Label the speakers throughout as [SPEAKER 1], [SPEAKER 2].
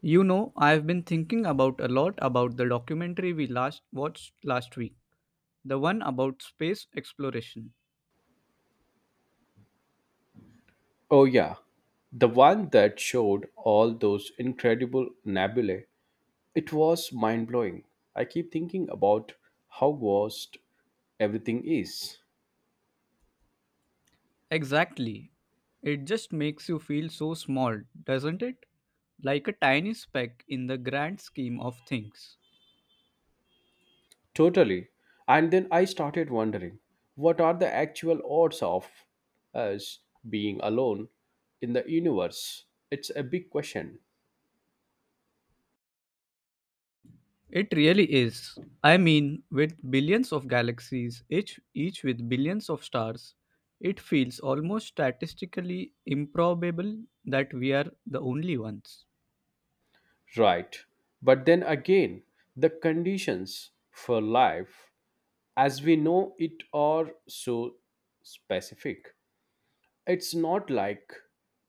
[SPEAKER 1] You know, I've been thinking about a lot about the documentary we last watched last week, the one about space exploration.
[SPEAKER 2] Oh, yeah. The one that showed all those incredible nebulae. It was mind blowing. I keep thinking about how vast everything is.
[SPEAKER 1] Exactly. It just makes you feel so small, doesn't it? Like a tiny speck in the grand scheme of things.
[SPEAKER 2] Totally. And then I started wondering, what are the actual odds of us being alone in the universe? It's a big question.
[SPEAKER 1] It really is. I mean, with billions of galaxies, each with billions of stars, it feels almost statistically improbable that we are the only ones.
[SPEAKER 2] Right. But then again, the conditions for life as we know it are so specific. It's not like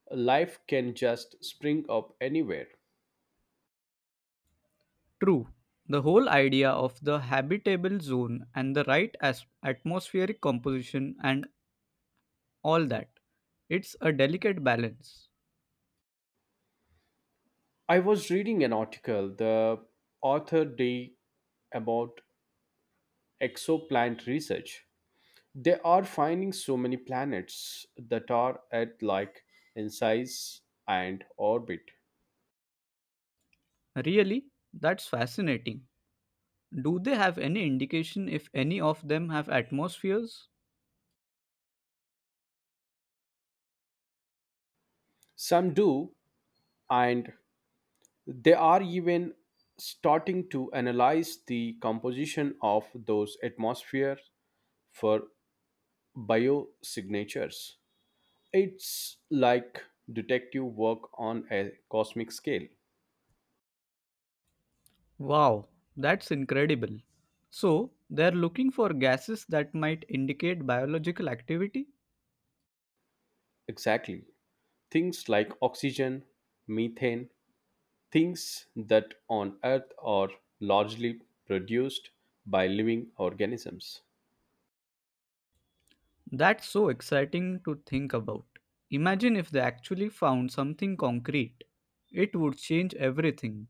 [SPEAKER 2] life can just spring up anywhere.
[SPEAKER 1] True. The whole idea of the habitable zone and the right atmospheric composition and all that. It's a delicate balance.
[SPEAKER 2] I was reading an article the author did about exoplanet research. They are finding so many planets that are at like in size and orbit.
[SPEAKER 1] Really? That's fascinating. Do they have any indication if any of them have atmospheres?
[SPEAKER 2] Some do, and they are even starting to analyze the composition of those atmospheres for biosignatures. It's like detective work on a cosmic scale.
[SPEAKER 1] Wow, that's incredible. So, they're looking for gases that might indicate biological activity?
[SPEAKER 2] Exactly. Things like oxygen, methane, things that on Earth are largely produced by living organisms.
[SPEAKER 1] That's so exciting to think about. Imagine if they actually found something concrete. It would change everything.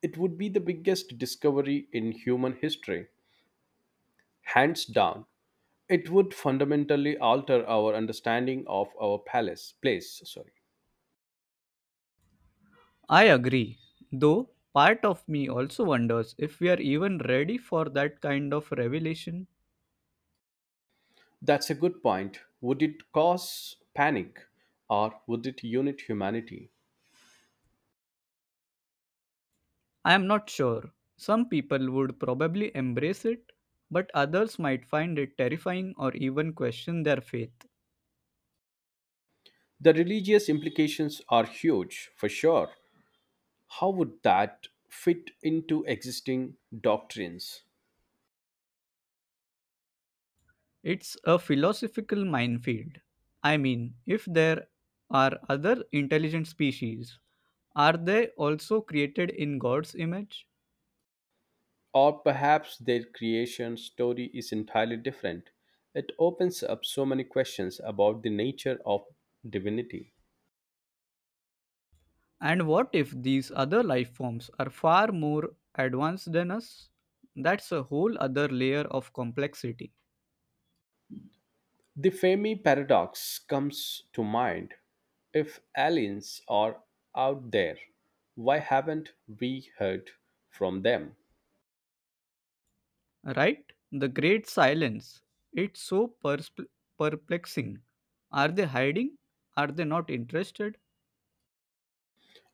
[SPEAKER 2] It would be the biggest discovery in human history, hands down. It would fundamentally alter our understanding of our palace place, sorry.
[SPEAKER 1] I agree. Though, part of me also wonders if we are even ready for that kind of revelation.
[SPEAKER 2] That's a good point. Would it cause panic or would it unite humanity?
[SPEAKER 1] I am not sure. Some people would probably embrace it, but others might find it terrifying or even question their faith.
[SPEAKER 2] The religious implications are huge, for sure. How would that fit into existing doctrines?
[SPEAKER 1] It's a philosophical minefield. I mean, if there are other intelligent species, are they also created in God's image?
[SPEAKER 2] Or perhaps their creation story is entirely different. It opens up so many questions about the nature of divinity.
[SPEAKER 1] And what if these other life forms are far more advanced than us? That's a whole other layer of complexity,
[SPEAKER 2] The Fermi paradox comes to mind. If aliens are out there, why haven't we heard from them?
[SPEAKER 1] right? The great silence. It's so perplexing. Are they hiding? Are they not interested?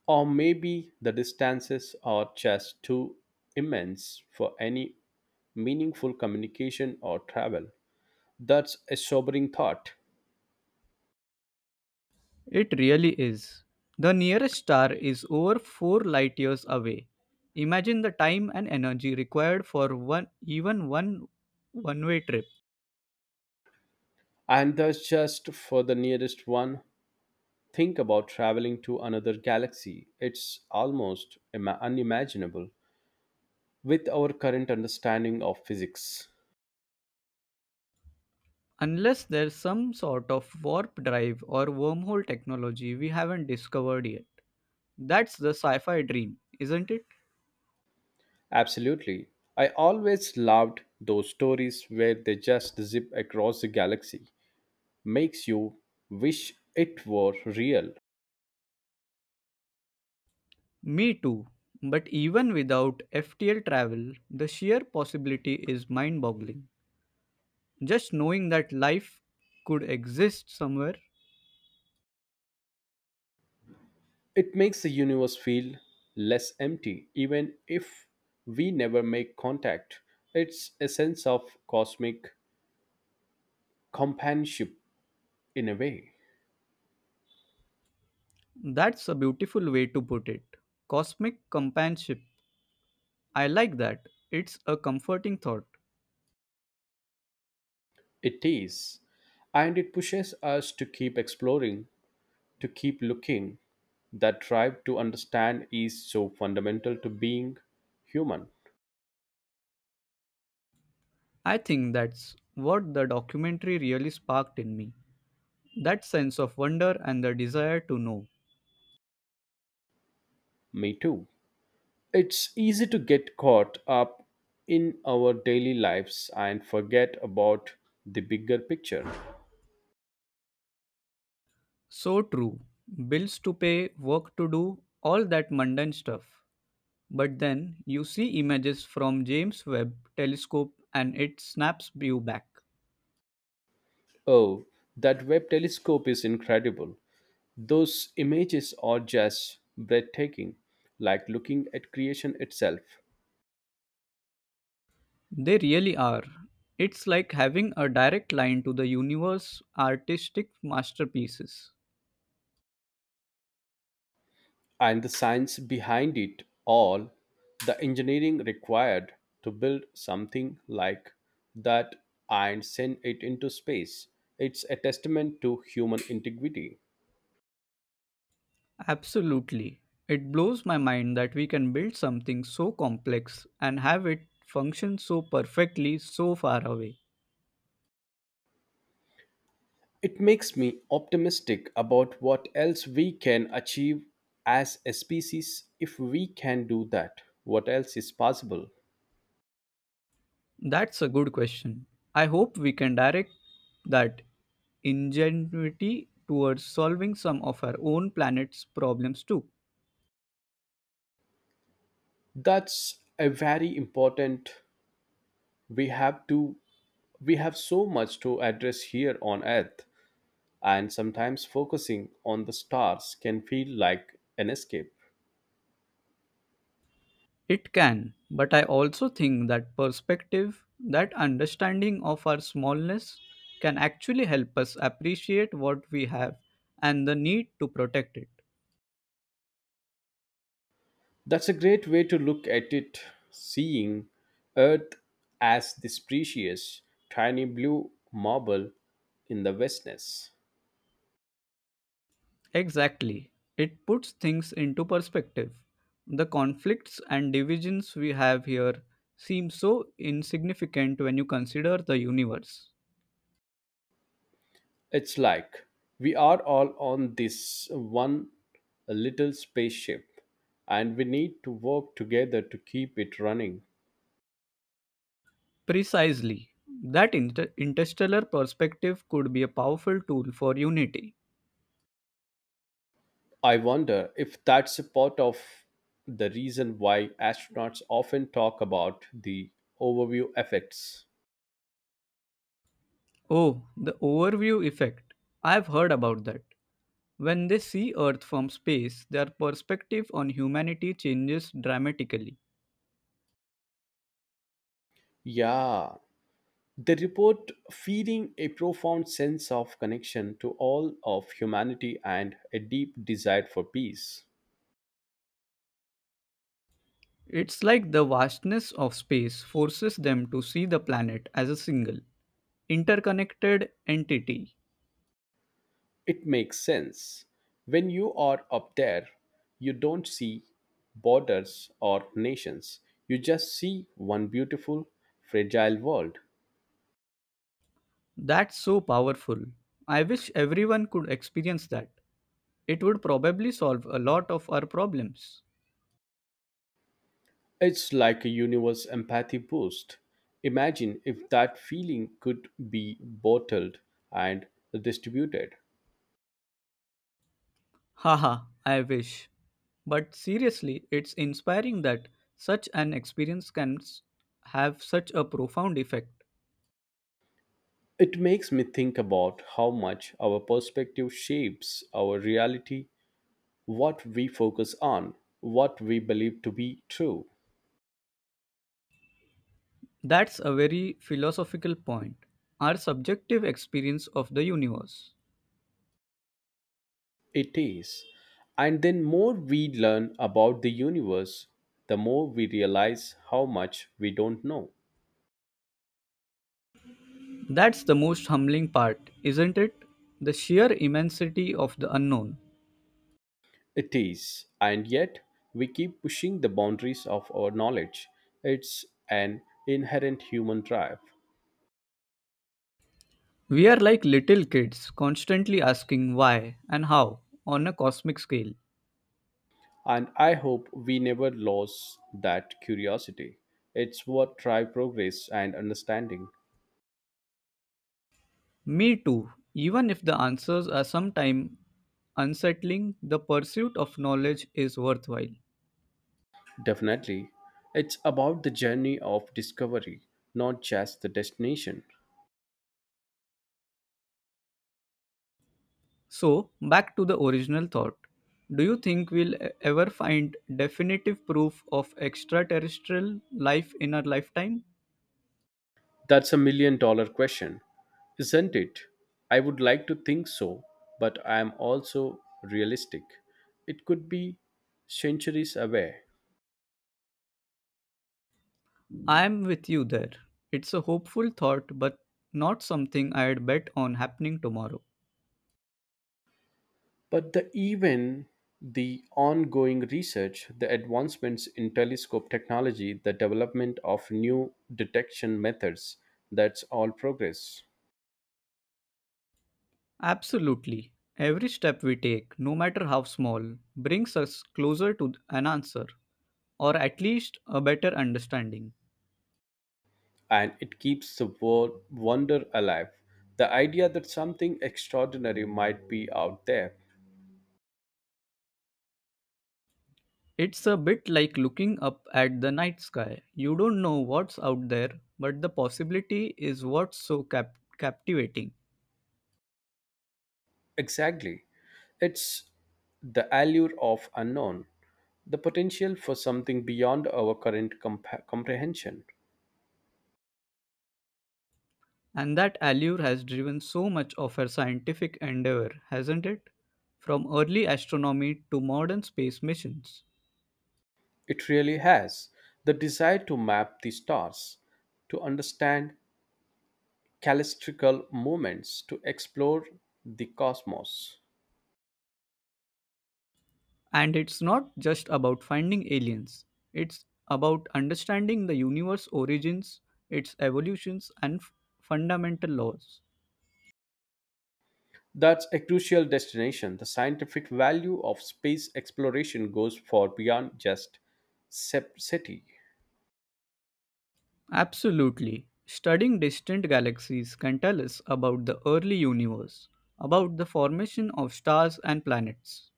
[SPEAKER 2] Or maybe the distances are just too immense for any meaningful communication or travel. That's a sobering thought.
[SPEAKER 1] It really is. The nearest star is over 4 light years away. Imagine the time and energy required for one even one one-way trip.
[SPEAKER 2] And that's just for the nearest one. Think about traveling to another galaxy. It's almost unimaginable with our current understanding of physics.
[SPEAKER 1] Unless there's some sort of warp drive or wormhole technology we haven't discovered yet. That's the sci-fi dream, isn't it?
[SPEAKER 2] Absolutely. I always loved those stories where they just zip across the galaxy. Makes you wish it were real.
[SPEAKER 1] Me too. But even without FTL travel, the sheer possibility is mind-boggling. Just knowing that life could exist somewhere.
[SPEAKER 2] It makes the universe feel less empty, even if we never make contact. It's a sense of cosmic companionship in a way.
[SPEAKER 1] That's a beautiful way to put it. Cosmic companionship. I like that. It's a comforting thought.
[SPEAKER 2] It is. And it pushes us to keep exploring, to keep looking. That drive to understand is so fundamental to being human.
[SPEAKER 1] I think that's what the documentary really sparked in me, that sense of wonder and the desire to know.
[SPEAKER 2] Me too. It's easy to get caught up in our daily lives and forget about the bigger picture.
[SPEAKER 1] So true. Bills to pay, work to do, all that mundane stuff. But then you see images from James Webb telescope and it snaps you back.
[SPEAKER 2] Oh, that Webb telescope is incredible. Those images are just breathtaking, like looking at creation itself.
[SPEAKER 1] They really are. It's like having a direct line to the universe artistic masterpieces.
[SPEAKER 2] And the science behind it all, the engineering required to build something like that and send it into space. It's a testament to human integrity.
[SPEAKER 1] Absolutely. It blows my mind that we can build something so complex and have it function so perfectly so far away.
[SPEAKER 2] It makes me optimistic about what else we can achieve as a species if we can do that. What else is possible?
[SPEAKER 1] That's a good question. I hope we can direct that ingenuity towards solving some of our own planet's problems too.
[SPEAKER 2] That's a very important. We have to we have so much to address here on earth, and sometimes focusing on the stars can feel like an escape.
[SPEAKER 1] It can, but I also think that perspective, that understanding of our smallness, can actually help us appreciate what we have and the need to protect it.
[SPEAKER 2] That's a great way to look at it, seeing earth as this precious tiny blue marble in the vastness.
[SPEAKER 1] Exactly. It puts things into perspective. The conflicts and divisions we have here seem so insignificant when you consider the universe.
[SPEAKER 2] It's like we are all on this one little spaceship and we need to work together to keep it running.
[SPEAKER 1] Precisely. That interstellar perspective could be a powerful tool for unity.
[SPEAKER 2] I wonder if that's a part of the reason why astronauts often talk about the overview effects.
[SPEAKER 1] Oh, the overview effect. I've heard about that. When they see Earth from space, their perspective on humanity changes dramatically.
[SPEAKER 2] Yeah, they report feeling a profound sense of connection to all of humanity and a deep desire for peace.
[SPEAKER 1] It's like the vastness of space forces them to see the planet as a single, interconnected entity.
[SPEAKER 2] It makes sense. When you are up there, you don't see borders or nations, you just see one beautiful, fragile world.
[SPEAKER 1] That's so powerful. I wish everyone could experience that. It would probably solve a lot of our problems.
[SPEAKER 2] It's like a universe empathy boost. Imagine if that feeling could be bottled and distributed.
[SPEAKER 1] Haha, I wish. But seriously, it's inspiring that such an experience can have such a profound effect.
[SPEAKER 2] It makes me think about how much our perspective shapes our reality, what we focus on, what we believe to be true.
[SPEAKER 1] That's a very philosophical point. Our subjective experience of the universe.
[SPEAKER 2] It is. And then more we learn about the universe, the more we realize how much we don't know.
[SPEAKER 1] That's the most humbling part, isn't it? The sheer immensity of the unknown.
[SPEAKER 2] It is, and yet we keep pushing the boundaries of our knowledge. It's an inherent human drive,
[SPEAKER 1] We are like little kids, constantly asking why and how on a cosmic scale.
[SPEAKER 2] and I hope we never lose that curiosity. It's what drives progress and understanding.
[SPEAKER 1] Me too. Even if the answers are sometimes unsettling, the pursuit of knowledge is worthwhile.
[SPEAKER 2] Definitely. It's about the journey of discovery, not just the destination.
[SPEAKER 1] So, back to the original thought. Do you think we'll ever find definitive proof of extraterrestrial life in our lifetime?
[SPEAKER 2] That's a million dollar question, isn't it? I would like to think so, but I am also realistic. It could be centuries away.
[SPEAKER 1] I am with you there. It's a hopeful thought, but not something I'd bet on happening tomorrow.
[SPEAKER 2] But the ongoing research, the advancements in telescope technology, the development of new detection methods, that's all progress.
[SPEAKER 1] Absolutely. Every step we take, no matter how small, brings us closer to an answer, or at least a better understanding.
[SPEAKER 2] And it keeps the world wonder alive. The idea that something extraordinary might be out there.
[SPEAKER 1] It's a bit like looking up at the night sky. You don't know what's out there, but the possibility is what's so captivating.
[SPEAKER 2] Exactly. It's the allure of unknown, the potential for something beyond our current comprehension.
[SPEAKER 1] And that allure has driven so much of our scientific endeavor, hasn't it? From early astronomy to modern space missions.
[SPEAKER 2] It really has. The desire to map the stars, to understand callistrical movements, to explore the cosmos.
[SPEAKER 1] And it's not just about finding aliens, it's about understanding the universe's origins, its evolutions, and fundamental laws.
[SPEAKER 2] That's a crucial destination. The scientific value of space exploration goes far beyond just SETI,
[SPEAKER 1] Absolutely. Studying distant galaxies can tell us about the early universe, about the formation of stars and planets.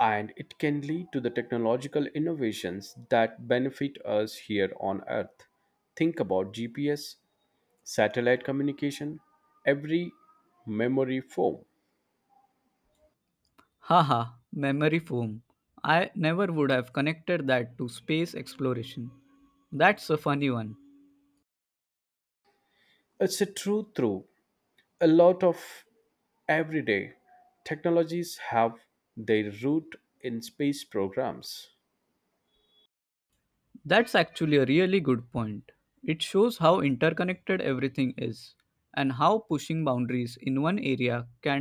[SPEAKER 2] and it can lead to the technological innovations that benefit us here on Earth. Think about GPS, satellite communication, every memory foam.
[SPEAKER 1] Haha, memory foam. I never would have connected that to space exploration. That's a funny one.
[SPEAKER 2] It's a true through a lot of everyday technologies have their root in space programs.
[SPEAKER 1] That's actually a really good point. It shows how interconnected everything is and how pushing boundaries in one area can